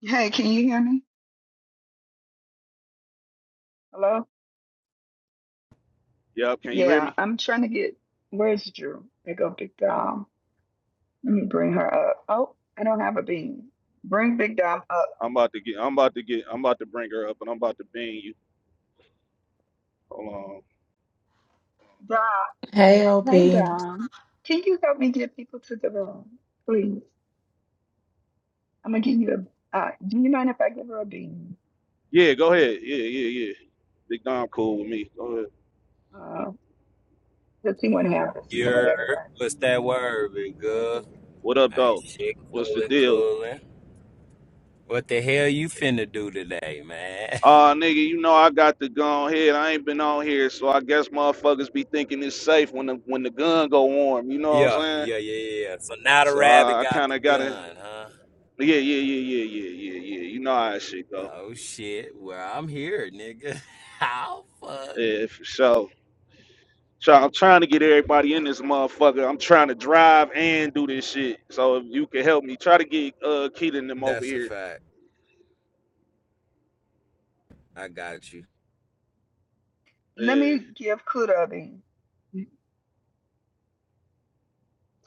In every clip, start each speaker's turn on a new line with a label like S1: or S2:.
S1: Hey, can you hear me? Hello?
S2: Yep, can you hear
S1: Yeah,
S2: me?
S1: I'm trying to get. Where's Drew? They go, Big Dom. Let me bring her up. Oh, I don't have a bean. Bring Big Dom up.
S2: I'm about to get I'm about to get I'm about to bring her up and I'm about to bang you. Hold on.
S1: Dom.
S3: Hey, OP.
S1: Hey, hey, Dom. Can you help me get people to the room, please? I'm gonna give you a. Uh, do you mind if I give her a bean?
S2: Yeah, go ahead. Yeah, yeah, yeah. Big Dom cool with me. Go ahead.
S1: Uh, because she wouldn't have this room with
S4: Your
S1: everybody.
S4: what's that word, big girl?
S1: Okay.
S2: What up
S4: Man,
S2: though?
S4: shit,
S2: What's the
S4: coolin',
S2: deal?
S4: coolin'. What the hell you finna do today, man?
S2: Uh nigga, you know I got to go on here. I ain't been on here, so I guess motherfuckers be thinking it's safe when the when the gun go warm, you know what I'm
S4: yeah,
S2: saying?
S4: yeah, yeah, yeah. So now the
S2: So
S4: rabbit
S2: I, I
S4: got the
S2: kinda gotta
S4: gun, huh?
S2: Yeah, yeah, yeah, yeah, yeah, yeah, yeah. You know how that shit go.
S4: Oh shit. Well, I'm here, nigga. How fuck?
S2: Yeah, for sure. So I'm trying to get everybody in this motherfucker. I'm trying to drive and do this shit. So if you can help me, try to get uh Keelan them over
S4: That's a
S2: here.
S4: fact. I got you.
S1: Let
S2: Yeah.
S1: me give Kuda a bean.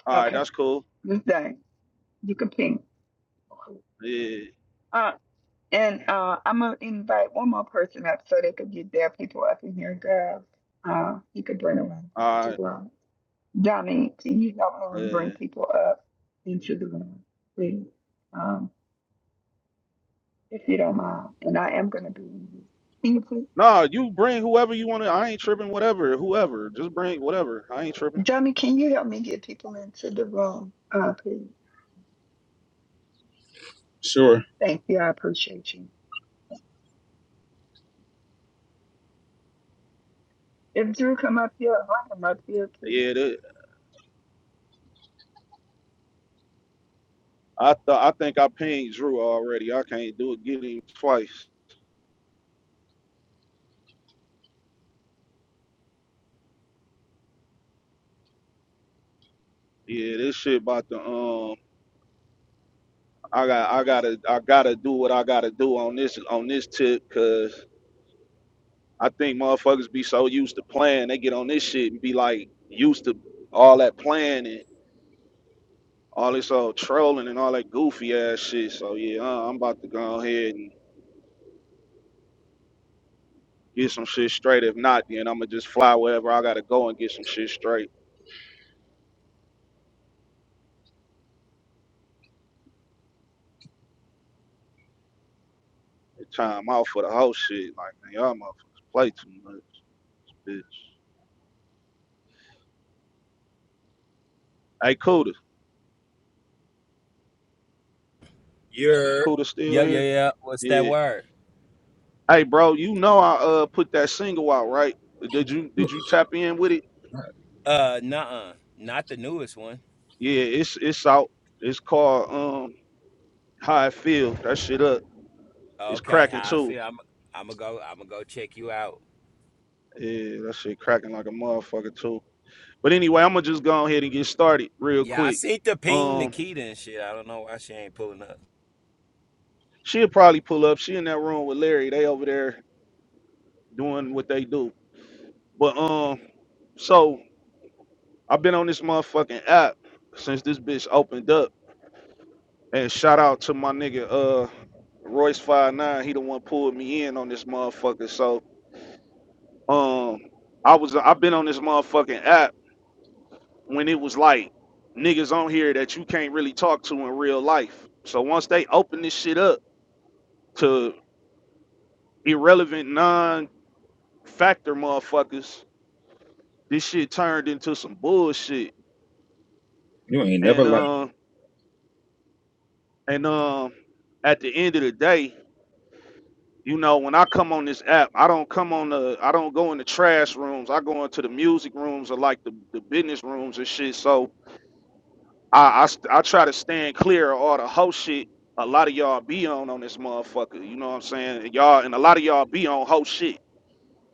S2: All right,
S1: Okay.
S2: that's cool.
S1: This day, you can ping.
S2: Yeah.
S1: Uh, And uh, I'm gonna invite one more person up so they could get their people up in here, girls. Uh, you could bring a lot of people
S2: All
S1: to
S2: right.
S1: the room. Dominique, can you help uh, bring
S2: Yeah.
S1: people up into the room, please? Um, if you don't mind. And I am gonna be in here. Can you please?
S2: Nah, you bring whoever you want to. I ain't tripping. Whatever, whoever. Just bring whatever. I ain't tripping.
S1: Dummy, can you help me get people into the room, uh, please?
S5: Sure.
S1: Thank you. I appreciate you. If Drew come up here, bring him up here, please.
S2: Yeah. That, I th- I think I pinged Drew already. I can't do it. Get him twice. Yeah. This shit about to um. I got I gotta I gotta do what I gotta do on this on this tip, cause. I think motherfuckers be so used to playing, they get on this shit and be like used to all that playing and all this old trolling and all that goofy ass shit. So yeah, uh, I'm about to go ahead and get some shit straight. If not, then I'ma just fly wherever I gotta go and get some shit straight. It's time out for the whole shit. Like man, y'all motherfuckers play too much, bitch. Hey, Cuda,
S4: Your
S2: Cuda still
S4: yep, yeah,
S2: here?
S4: yeah. What's that
S2: Yeah.
S4: word?
S2: Hey, bro, you know I uh put that single out, right? Did you did you tap in with it?
S4: Uh, nuh-uh. Not the newest one.
S2: Yeah, it's it's out. It's called um. how it feel. That shit up. It's
S4: Okay,
S2: cracking
S4: how I
S2: too.
S4: feel. I'm. I'm gonna go. I'm gonna go check you out.
S2: Yeah, that shit cracking like a motherfucker too. But anyway, I'm gonna just go ahead and get started real
S4: Yeah, I
S2: quick.
S4: seen the ping
S2: Um,
S4: Nikita and shit. I don't know why she ain't pulling up.
S2: she'll probably pull up. She in that room with Larry. They over there doing what they do. But um, so I've been on this motherfucking app since this bitch opened up. And shout out to my nigga uh Royce Five Nine. He the one pulled me in on this motherfucker. So um, I was I've been on this motherfucking app when it was like niggas on here that you can't really talk to in real life. So once they open this shit up to irrelevant non factor motherfuckers, this shit turned into some bullshit.
S5: You ain't never
S2: And
S5: like.
S2: uh and um at the end of the day, you know, when I come on this app, I don't come on the I don't go in the trash rooms. I go into the music rooms or like the, the business rooms and shit. So I, I st- I try to stand clear of all the hoe shit. A lot of y'all be on on this motherfucker. You know what I'm saying? And Y'all and a lot of y'all be on hoe shit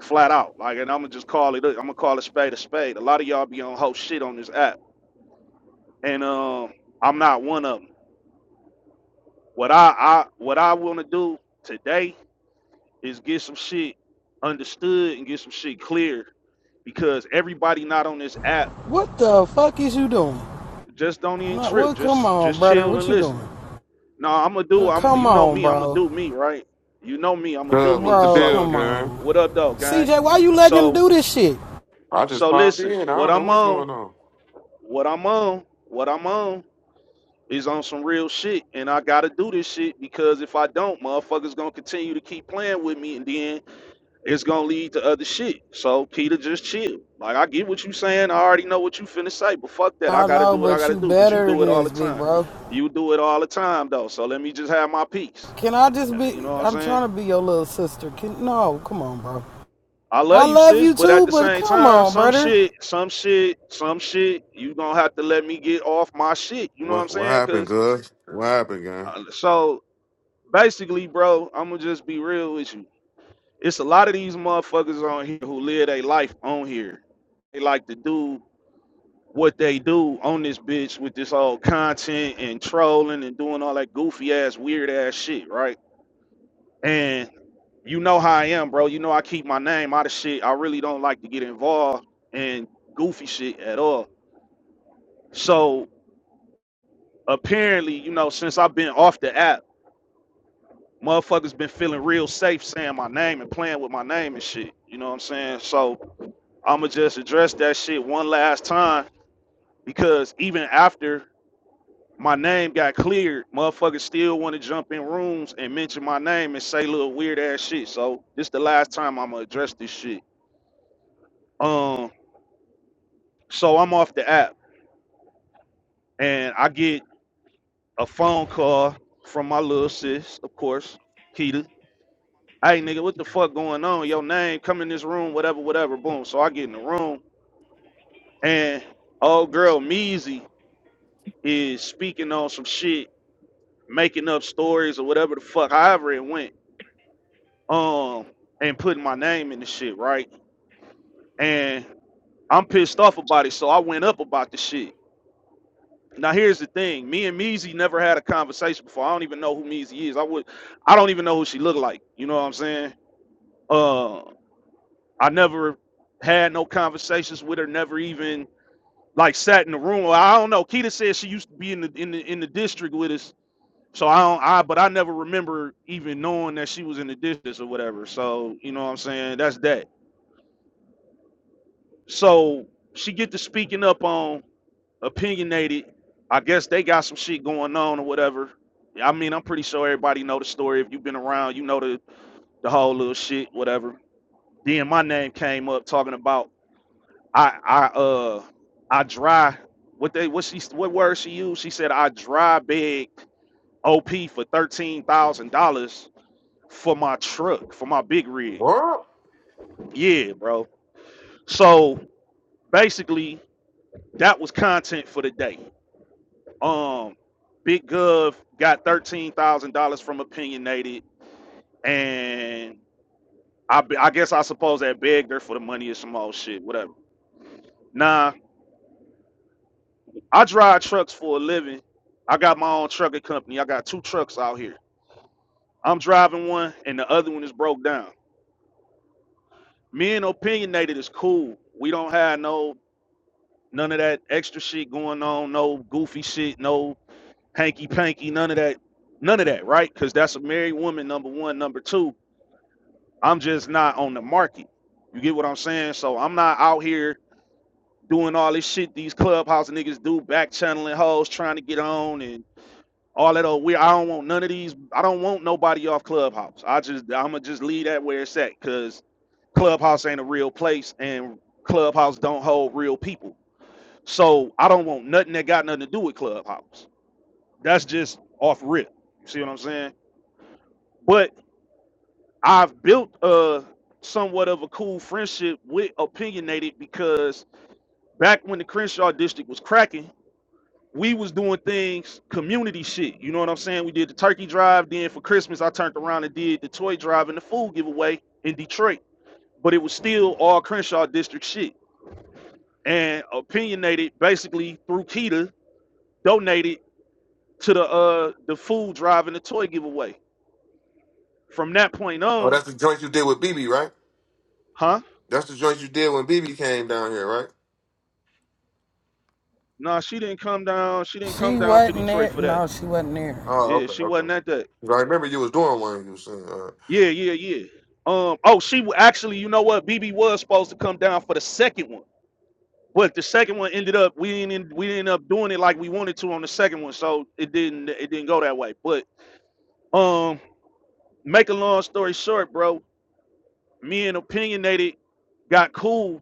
S2: flat out. Like, and I'm gonna just call it. I'm gonna call it spade a spade. A lot of y'all be on hoe shit on this app, and um, I'm not one of them. What I, I what I want to do today is get some shit understood and get some shit clear because everybody not on this app
S6: What the fuck is you doing?
S2: just don't even
S6: Like,
S2: trip.
S6: what? Come
S2: Just
S6: on,
S2: just
S6: brother.
S2: chill
S6: What
S2: and
S6: you
S2: listen.
S6: doing?
S2: No, I'm gonna do.
S6: Look,
S2: I'm. You
S6: Come
S2: know
S6: on,
S2: me. I'm gonna
S6: bro.
S2: do me, right? You know me. I'm gonna do
S7: Good. What's
S2: me.
S7: the
S6: Bro,
S2: So
S7: deal,
S6: come
S7: gang?
S2: what
S6: on.
S2: up, though, gang?
S6: CJ, why you letting him
S2: So
S6: do this shit?
S7: I just
S2: so
S7: popped
S2: listen.
S7: in. I
S2: What
S7: don't know
S2: I'm
S7: what's
S2: on.
S7: going on.
S2: What I'm on. What I'm on is on some real shit, and I gotta do this shit because if I don't, motherfuckers gonna continue to keep playing with me, and then it's gonna lead to other shit. So Peter, just chill. Like I get what you saying. I already know what you finna say, but fuck that. I
S6: I
S2: gotta
S6: know,
S2: do what I
S6: but
S2: gotta
S6: you
S2: do because you
S6: better
S2: do
S6: than
S2: it all the
S6: this, big
S2: time.
S6: bro.
S2: You do it all the time though. So let me just have my peace.
S6: Can I
S2: Uh,
S6: just be?
S2: You know what I'm
S6: I'm
S2: saying?
S6: trying to be your little sister. Can no? Come on, bro.
S2: I
S6: I
S2: love you,
S6: love
S2: sis,
S6: you
S2: but
S6: too,
S2: at the
S6: but
S2: same
S6: come
S2: time,
S6: on,
S2: some
S6: brother.
S2: shit, some shit, some shit, you gonna have to let me get off my shit. You know what I'm
S7: What What
S2: saying?
S7: happened,
S2: Cause
S7: Gus? What happened, gang?
S2: uh, so basically, bro, I'm gonna just be real with you. It's a lot of these motherfuckers on here who live their life on here. They like to do what they do on this bitch with this old content and trolling and doing all that goofy ass, weird ass shit, right? And. you know how I am, bro. You know I keep my name out of shit. I really don't like to get involved in goofy shit at all. So apparently, you know, since I've been off the app, motherfuckers been feeling real safe saying my name and playing with my name and shit. You know what I'm saying? So I'ma just address that shit one last time because even after my name got cleared, motherfuckers still want to jump in rooms and mention my name and say little weird ass shit. So this the last time I'ma address this shit. Um, so I'm off the app. and I get a phone call from my little sis, of course, Keita. Hey, nigga, what the fuck going on? Your name, come in this room, whatever, whatever. Boom. So I get in the room, and old girl Measy is speaking on some shit, making up stories or whatever the fuck, however it went, um, and putting my name in the shit, right? And I'm pissed off about it, so I went up about the shit. Now here's the thing. Me and Measy never had a conversation before. I don't even know who Measy is. I would I don't even know who she looked like. You know what I'm saying? Uh I never had no conversations with her, never even like sat in the room. Well, I don't know. Keita said she used to be in the in the in the district with us. So I don't I but I never remember even knowing that she was in the district or whatever. So, you know what I'm saying? That's that. So she get to speaking up on opinionated. I guess they got some shit going on or whatever. I mean, I'm pretty sure everybody know the story. If you've been around, you know the the whole little shit, whatever. Then my name came up talking about I I uh I dry what they what she what word she used? She said I dry beg OP for thirteen thousand dollars for my truck for my big rig.
S7: What?
S2: Yeah, bro. So basically, that was content for the day. Um, Big Gov got thirteen thousand dollars from Opinionated, and I, I guess I suppose that begged her for the money or some old shit, whatever. Nah, I drive trucks for a living. I got my own trucking company. I got two trucks out here. I'm driving one, and the other one is broke down. Me and Opinionated is cool. We don't have no none of that extra shit going on. No goofy shit. No hanky panky. None of that. None of that, right? Because that's a married woman. Number one. Number two I'm just not on the market. You get what I'm saying? So I'm not out here doing all this shit these clubhouse niggas do, back channeling hoes, trying to get on and all that old weird. I don't want none of these. I don't want nobody off clubhouse. I just I'ma just leave that where it's at because clubhouse ain't a real place and clubhouse don't hold real people. So I don't want nothing that got nothing to do with clubhouse. That's just off rip. You see what I'm saying? But I've built a somewhat of a cool friendship with opinionated because back when the Crenshaw district was cracking, we was doing things community shit. You know what I'm saying? We did the turkey drive. Then for Christmas, I turned around and did the toy drive and the food giveaway in Detroit. But it was still all Crenshaw district shit. And opinionated basically through Keita donated to the uh the food drive and the toy giveaway. From that point
S7: Oh,
S2: on,
S7: that's the joint you did with BB, right?
S2: huh?
S7: That's the joint you did when BB came down here, right?
S2: Nah, she didn't come down. She didn't
S6: She
S2: come down to
S6: wasn't
S2: Detroit
S6: there.
S2: for that
S6: No, she wasn't there.
S7: Oh,
S2: Yeah,
S7: okay,
S2: she wasn't
S7: okay.
S2: at that.
S7: 'Cause I remember you was doing one. You was saying. uh,
S2: Yeah, yeah, yeah. Um. Oh, she wa- actually, you know what? BB was supposed to come down for the second one, but the second one ended up we didn't end- we ended up doing it like we wanted to on the second one, so it didn't it didn't go that way. But um, make a long story short, bro. Me and opinionated got cool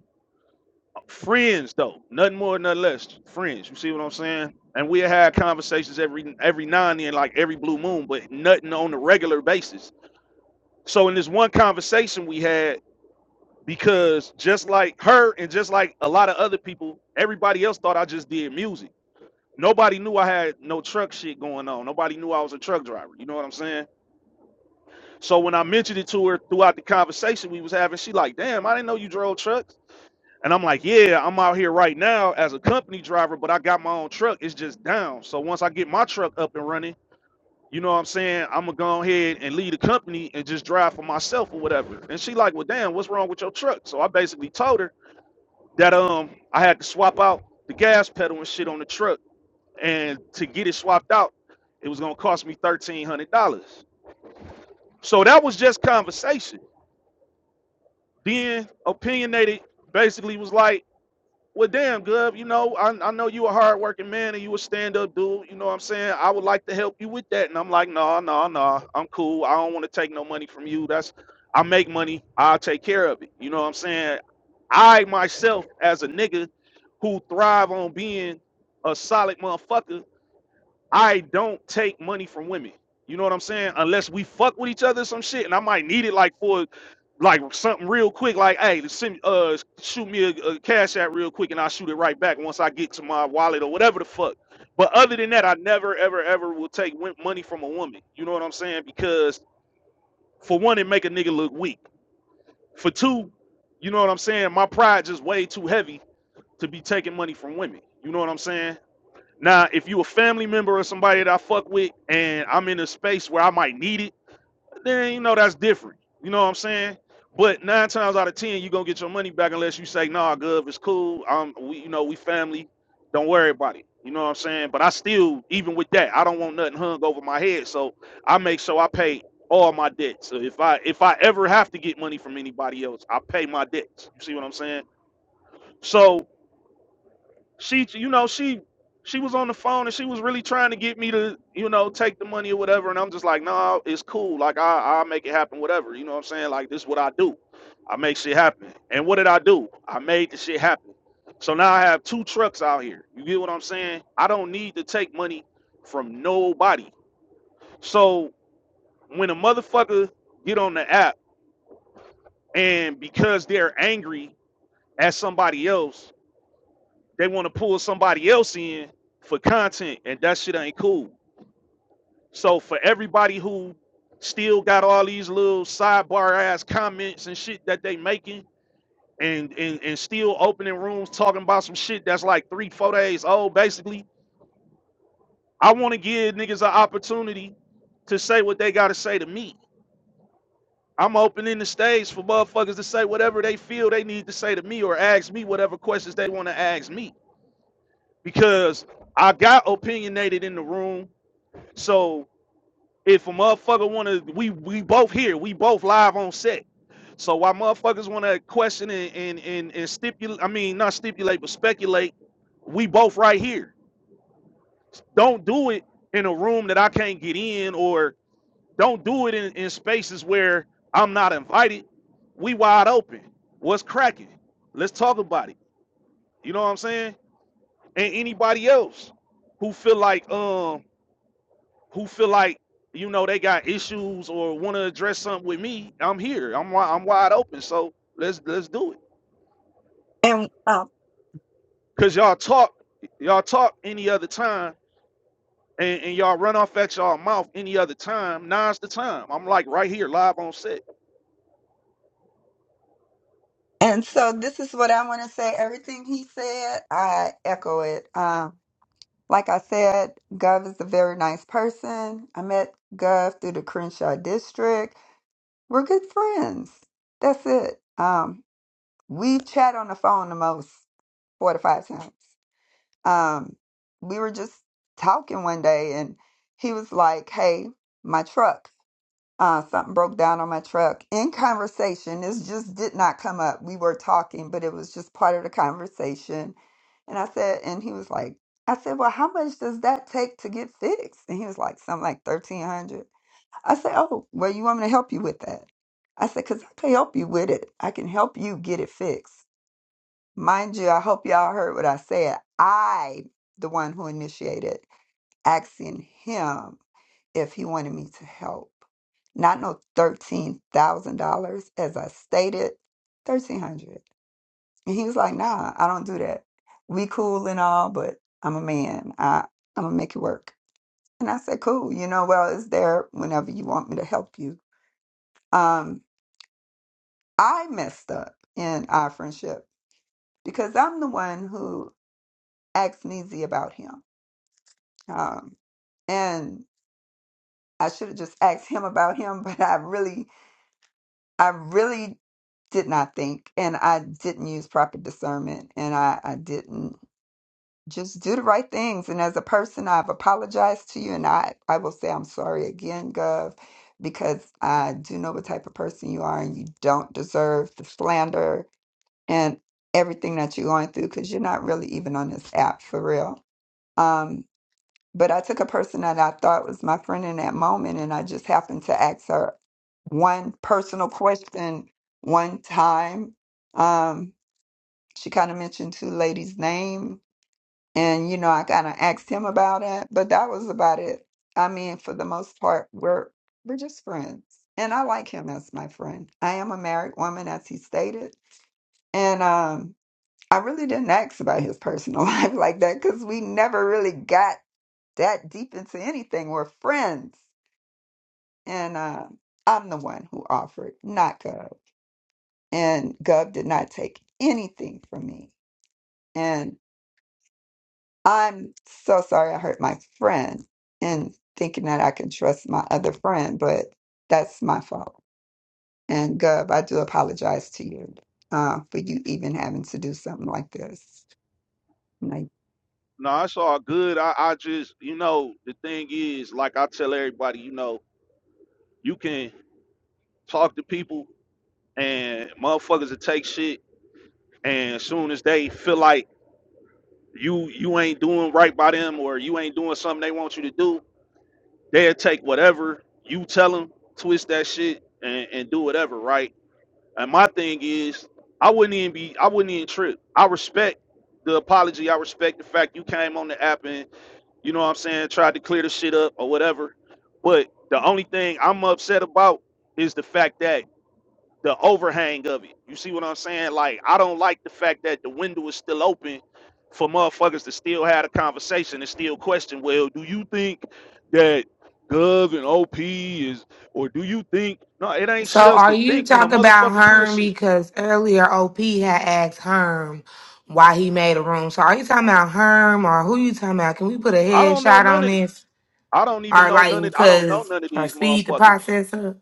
S2: friends though, nothing more, nothing less. Friends. You see what I'm saying? And we had conversations every every now and then, like every blue moon, but nothing on a regular basis. So in this one conversation we had because just like her and just like a lot of other people, everybody else thought I just did music. Nobody knew I had no truck shit going on. Nobody knew I was a truck driver. You know what I'm saying? So when I mentioned it to her throughout the conversation we was having, she like, "Damn, I didn't know you drove trucks." And I'm like, "Yeah, I'm out here right now as a company driver, but I got my own truck. It's just down. So once I get my truck up and running, you know what I'm saying? I'm gonna go ahead and lead a company and just drive for myself or whatever." And she like, "Well, damn, what's wrong with your truck?" So I basically told her that um I had to swap out the gas pedal and shit on the truck, and to get it swapped out, it was gonna cost me thirteen hundred dollars. So that was just conversation. Then opinionated basically was like, Well, damn, Gov, you know, I, I know you a hardworking man and you a stand-up dude, you know what I'm saying? I would like to help you with that. And I'm like, no, no, no, I'm cool. I don't want to take no money from you. That's I make money, I'll take care of it. You know what I'm saying? I myself as a nigga who thrive on being a solid motherfucker I don't take money from women. You know what I'm saying? Unless we fuck with each other or some shit, and I might need it like for like something real quick, like hey, send me- uh shoot me a, a cash app real quick, and I'll shoot it right back once I get to my wallet or whatever the fuck. But other than that, I never ever ever will take win- money from a woman. You know what I'm saying? Because for one, it make a nigga look weak. For two, you know what I'm saying? My pride just way too heavy to be taking money from women. You know what I'm saying? Now, if you a family member or somebody that I fuck with and I'm in a space where I might need it, then you know that's different. You know what I'm saying? But nine times out of ten, you're gonna get your money back unless you say, nah, Gov, it's cool. Um we you know, we family, don't worry about it. You know what I'm saying? But I still, even with that, I don't want nothing hung over my head. So I make sure I pay all my debts. So if I if I ever have to get money from anybody else, I pay my debts. You see what I'm saying? So she you know she she was on the phone and she was really trying to get me to you know take the money or whatever and i'm just like no nah, it's cool like i i'll make it happen whatever you know what i'm saying like this is what i do i make shit happen and what did i do i made the shit happen so now i have two trucks out here you get what i'm saying i don't need to take money from nobody so when a motherfucker get on the app and because they're angry at somebody else they want to pull somebody else in for content, and that shit ain't cool. So for everybody who still got all these little sidebar ass comments and shit that they making, and and and still opening rooms talking about some shit that's like three four days old, basically, I want to give niggas an opportunity to say what they got to say to me. I'm opening the stage for motherfuckers to say whatever they feel they need to say to me or ask me whatever questions they want to ask me because I got opinionated in the room So if a motherfucker wanna we we both here, we both live on set. So why motherfuckers wanna question and and and, and stipulate I mean not stipulate but speculate, we both right here. Don't do it in a room that I can't get in or don't do it in, in spaces where I'm not invited. We wide open. What's cracking? Let's talk about it. You know what I'm saying? And anybody else who feel like um who feel like you know they got issues or want to address something with me, I'm here. I'm I'm wide open. So let's let's do it.
S1: And um,
S2: Cause y'all talk y'all talk any other time and, and y'all run off at y'all mouth any other time. Now's the time. I'm like right here live on set.
S1: And so this is what I want to say. Everything he said, I echo it. Um, like I said, Gov is a very nice person. I met Gov through the Crenshaw district. We're good friends. That's it. Um, we've chat on the phone the most four to five times. Um, we were just talking one day and he was like, Hey, my truck uh, something broke down on my truck in conversation. This just did not come up. We were talking, but it was just part of the conversation. And I said, and he was like, I said, well, how much does that take to get fixed? And he was like, something like 1300 I said, oh, well, you want me to help you with that? I said, because I can help you with it. I can help you get it fixed. Mind you, I hope y'all heard what I said. I, the one who initiated, asking him if he wanted me to help. Not no thirteen thousand dollars, as I stated, thirteen hundred. And he was like, "Nah, I don't do that. We cool and all, but I'm a man. I I'm gonna make it work." And I said, "Cool. You know, well, it's there whenever you want me to help you." Um, I messed up in our friendship because I'm the one who asked Neezy about him, um, and I should have just asked him about him, but I really I really did not think, and I didn't use proper discernment, and I, I didn't just do the right things. And as a person, I've apologized to you, and I, I will say I'm sorry again, Gov, because I do know what type of person you are, and you don't deserve the slander and everything that you're going through because you're not really even on this app for real. Um, but I took a person that I thought was my friend in that moment, and I just happened to ask her one personal question one time. Um, she kind of mentioned two ladies' name, and you know, I kind of asked him about it, but that was about it. I mean, for the most part, we're we're just friends, and I like him as my friend. I am a married woman, as he stated, and um, I really didn't ask about his personal life like that because we never really got that deep into anything. We're friends. And uh, I'm the one who offered, not Gov. And Gov did not take anything from me. And I'm so sorry I hurt my friend in thinking that I can trust my other friend, but that's my fault. And Gov, I do apologize to you uh, for you even having to do something like this. Like,
S2: Nah, it's all good. I, I just you know the thing is like I tell everybody you know you can talk to people and motherfuckers that take shit and as soon as they feel like you you ain't doing right by them or you ain't doing something they want you to do, they'll take whatever you tell them, twist that shit and, and do whatever, right? And my thing is, I wouldn't even be, I wouldn't even trip. I respect the apology. I respect the fact you came on the app and you know what I'm saying, tried to clear the shit up or whatever. But the only thing I'm upset about is the fact that the overhang of it. You see what I'm saying? Like, I don't like the fact that the window is still open for motherfuckers to still have a conversation and still question, well, do you think that Gov and OP is, or do you think, no, it ain't
S3: So,
S2: shit else
S3: are
S2: to
S3: you
S2: think when a
S3: talking about
S2: motherfucker clear
S3: Herm?
S2: shit.
S3: Because earlier OP had asked Herm why he made a room. So, are you talking about Herm or who you talking about? Can we put a
S2: I don't know
S3: headshot
S2: none
S3: on
S2: of it.
S3: this?
S2: I don't even
S3: Or,
S2: know none
S3: like,
S2: of, I don't know
S3: because,
S2: none of
S3: or
S2: these
S3: speed the
S2: motherfuckers.
S3: process up?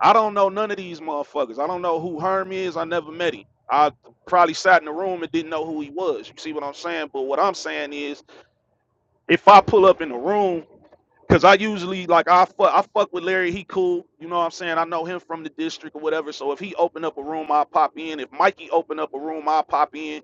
S2: I don't know none of these motherfuckers. I don't know who Herm is. I never met him. I probably sat in the room and didn't know who he was. You see what I'm saying? But what I'm saying is, if I pull up in the room, because I usually like I fuck I fuck with Larry, he cool. You know what I'm saying? I know him from the district or whatever. So if he open up a room, I'll pop in. If Mikey open up a room, I'll pop in.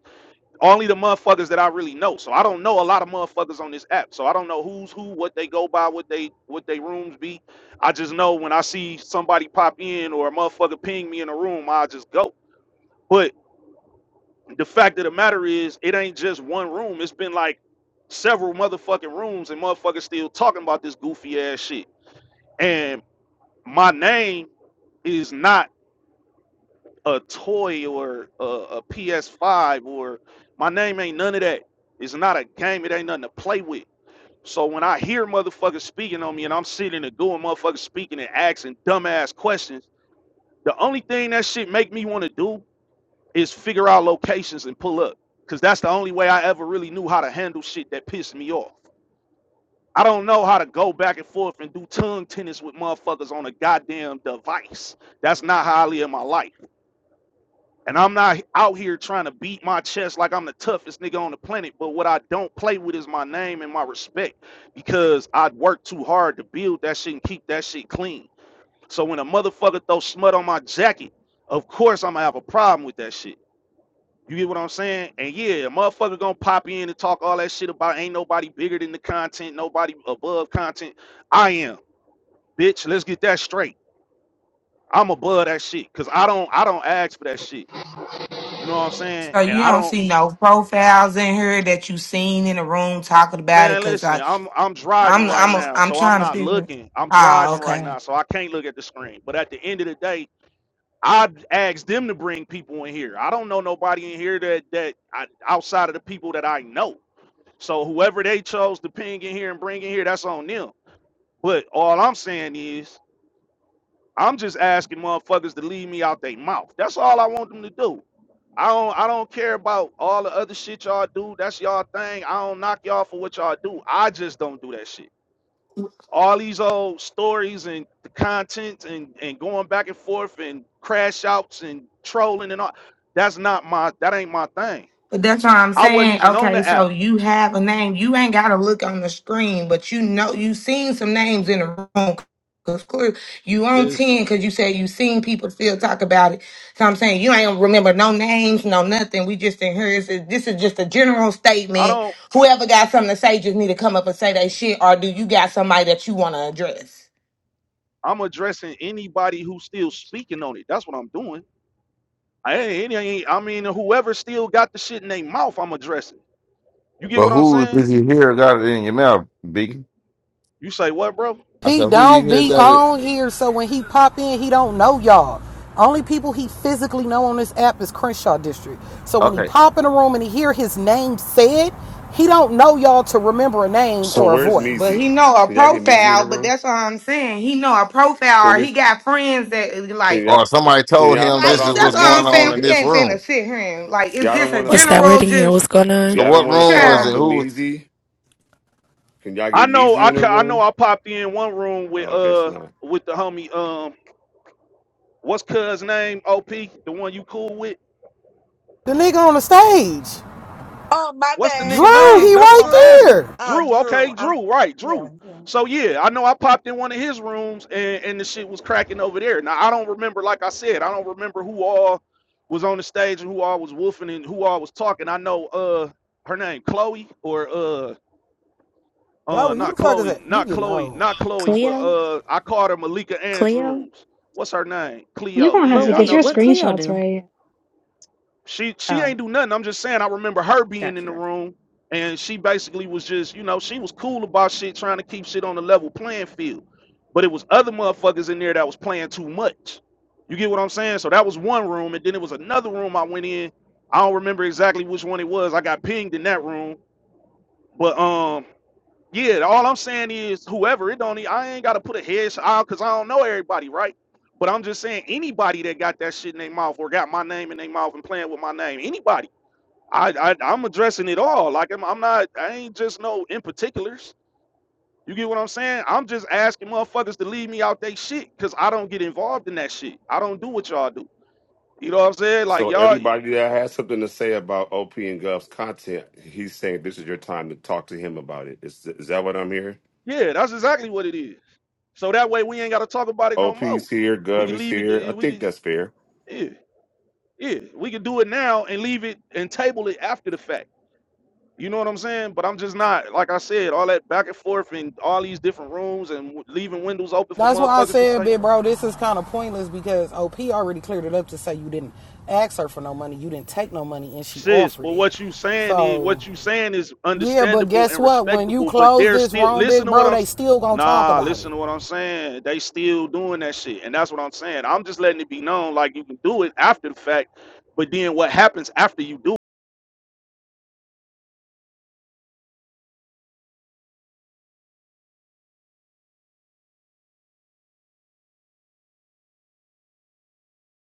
S2: Only the motherfuckers that I really know. So I don't know a lot of motherfuckers on this app. So I don't know who's who, what they go by, what they what they rooms be. I just know when I see somebody pop in or a motherfucker ping me in a room, I just go. But the fact of the matter is, it ain't just one room. It's been like several motherfucking rooms, and motherfuckers still talking about this goofy ass shit. And my name is not a toy or a, PS5 or my name ain't none of that. It's not a game. It ain't nothing to play with. So when I hear motherfuckers speaking on me and I'm sitting and doing motherfuckers speaking and asking dumbass questions, the only thing that shit make me want to do is figure out locations and pull up because that's the only way I ever really knew how to handle shit that pissed me off. I don't know how to go back and forth and do tongue tennis with motherfuckers on a goddamn device. That's not how I live my life. And I'm not out here trying to beat my chest like I'm the toughest nigga on the planet. But what I don't play with is my name and my respect because I work too hard to build that shit and keep that shit clean. So when a motherfucker throws smut on my jacket, of course I'm gonna have a problem with that shit. You get what I'm saying? And yeah, a motherfucker gonna pop in and talk all that shit about ain't nobody bigger than the content, nobody above content. I am, bitch. Let's get that straight. I'm above that shit. Cause I don't I don't ask for that shit. You know what I'm saying?
S3: So,
S2: And
S3: you
S2: I
S3: don't
S2: don't
S3: see no profiles in here that you seen in the room talking about it?
S2: man,
S3: Because
S2: listen,
S3: I'm,
S2: I'm I'm driving right
S3: I'm,
S2: now,
S3: I'm
S2: so I'm
S3: trying to
S2: not
S3: figure
S2: looking. I'm
S3: Oh,
S2: driving right
S3: okay.
S2: now, so I can't look at the screen. But at the end of the day, I asked them to bring people in here. I don't know nobody in here that that I, outside of the people that I know. So whoever they chose to ping in here and bring in here, that's on them. But all I'm saying is, I'm just asking motherfuckers to leave me out their mouth. That's all I want them to do. I don't I don't care about all the other shit y'all do. That's y'all thing. I don't knock y'all for what y'all do. I just don't do that shit. All these old stories and the content and, and going back and forth and crash outs and trolling and all that's not my that ain't my thing.
S3: But that's what I'm
S2: I wasn't
S3: saying.
S2: even on
S3: Okay,
S2: the
S3: so
S2: app.
S3: you have a name. You ain't gotta look on the screen, but you know you seen some names in the room. Cause clear you on
S2: Listen.
S3: ten because you said you seen people still talk about it. So I'm saying you ain't remember no names, no nothing. We just in here. It's a- This is just a general
S2: I
S3: statement.
S2: don't.
S3: Whoever got something to say just need to come up and say that shit, or do you got somebody that you want to address?
S2: I'm addressing anybody who's still speaking on it. That's what I'm doing. I ain't, ain't- I mean, whoever still got the shit in their mouth, I'm addressing. You get
S8: But
S2: what I'm
S8: who
S2: saying?
S8: did you hear got it in your mouth, Biggie?
S2: You say what, bro?
S8: I
S6: He
S8: said, who you
S6: don't
S8: hear
S6: be
S8: got it?
S6: on here, so when he pop in, he don't know y'all. Only people he physically know on this app is Crenshaw District. So when he
S8: Okay.
S6: pop in a room and he hear his name said, he don't know y'all to remember a name
S9: So
S6: or a
S9: where's
S6: voice.
S3: But
S9: Meezy?
S3: he know a
S9: Can y'all get Meezy in the
S3: profile, but
S9: room?
S3: that's what I'm saying. He know a
S9: Can
S3: profile, or
S9: we?
S3: he got friends that
S9: Can
S3: like
S9: y'all?
S8: Or somebody
S9: Can
S8: told
S9: y'all
S8: him
S9: start
S3: Like
S8: this
S3: that's
S8: is
S9: off
S3: what
S9: with
S8: what's
S3: I'm
S8: going
S3: saying.
S8: on in
S9: Meezy?
S3: We
S8: this
S3: ain't finna
S8: room.
S3: sit here and like, is
S9: Y'all don't
S3: this a
S9: want to.
S10: what's that
S3: general
S10: word in here? What's
S3: just
S10: going on?
S8: So
S9: Y'all don't
S8: what
S9: want to
S8: room
S9: start
S8: was
S9: off
S8: it?
S3: child?
S9: with
S8: Who?
S9: Meezy. Can y'all
S2: I
S9: get
S2: know,
S9: Meezy
S2: I
S9: in the
S2: ca- I know,
S9: room?
S2: I popped in one room with
S9: Oh, I guess
S2: uh
S9: not.
S2: with the homie um, what's cuz name? Op, the one you cool with.
S6: The nigga on the stage,
S1: Oh, my
S2: What's the
S1: bad.
S2: nigga
S6: Drew,
S2: name?
S6: he
S1: Um,
S2: That's what I'm
S6: right
S1: Drew.
S2: asking.
S6: there.
S1: Uh,
S2: Drew.
S1: Drew.
S2: Okay,
S1: I'm.
S2: Drew. Right, Drew.
S1: Yeah.
S2: So yeah, I know I popped in one of his rooms and, and the shit was cracking over there. Now I don't remember, like I said, I don't remember who all was on the stage and who all was woofing and who all was talking. I know uh her name Chloe or uh uh
S6: Chloe, who
S2: not
S6: the fuck is
S2: Chloe,
S6: that? You
S2: not
S6: getting
S2: Chloe,
S6: old.
S2: not Chloe, but
S11: Cleo?
S2: uh I called her Malika
S11: Cleo?
S2: Andrews. What's her name?
S12: You're
S2: Cleo.
S12: gonna have
S11: But
S12: to
S2: Yeah, I
S12: get
S11: wait,
S2: know
S12: your
S2: she
S11: what Cleo
S12: screenshots
S11: do?
S12: right.
S2: she she
S11: Oh,
S2: ain't do nothing. I'm just saying I remember her being
S11: got
S2: in
S11: you.
S2: the room and she basically was just, you know, she was cool about shit, trying to keep shit on the level playing field. But it was other motherfuckers in there that was playing too much. You get what I'm saying? So that was one room, and then it was another room I went in. I don't remember exactly which one it was. I got pinged in that room. But um, yeah, all I'm saying is whoever it don't e- I ain't gotta put a headshot out because I don't know everybody, right? But I'm just saying anybody that got that shit in their mouth or got my name in their mouth and playing with my name, anybody. I, I I'm addressing it all. Like I'm, I'm not. I ain't just no in particulars. You get what I'm saying? I'm just asking motherfuckers to leave me out they shit because I don't get involved in that shit. I don't do what y'all do. You know what I'm saying? Like
S9: So
S2: y'all,
S9: everybody that has something to say about OP and Gov's content, he's saying this is your time to talk to him about it. Is is that what I'm hearing?
S2: yeah, that's exactly what it is. So that way we ain't gotta talk about it no more.
S9: OP's here,
S2: We
S9: Gov
S2: can
S9: is
S2: leave it.
S9: here. I
S2: to- We
S9: think
S2: can,
S9: that's fair.
S2: yeah, yeah, we can do it now and leave it and table it after the fact. You know what I'm saying? But I'm just not, like I said, all that back and forth and all these different rooms and w- leaving windows open for
S6: That's why I
S2: motherfuckers to
S6: said,
S2: say.
S6: big bro, this is kind of pointless because OP already cleared it up to say you didn't ask her for no money, you didn't take no money, and she
S2: sis
S6: offered
S2: but
S6: it.
S2: what you saying is
S6: So
S2: what you saying is
S6: Yeah, but
S2: understandable
S6: guess
S2: and
S6: what? When you
S2: respectable but
S6: close
S2: they're
S6: this
S2: still
S6: room,
S2: listen
S6: big
S2: to what
S6: bro,
S2: i'm
S6: they
S2: s-
S6: still gonna talk
S2: nah
S6: about it.
S2: listen to what i'm saying they still doing that shit and that's what i'm saying i'm just letting it be known like you can do it after the fact but then what happens after you do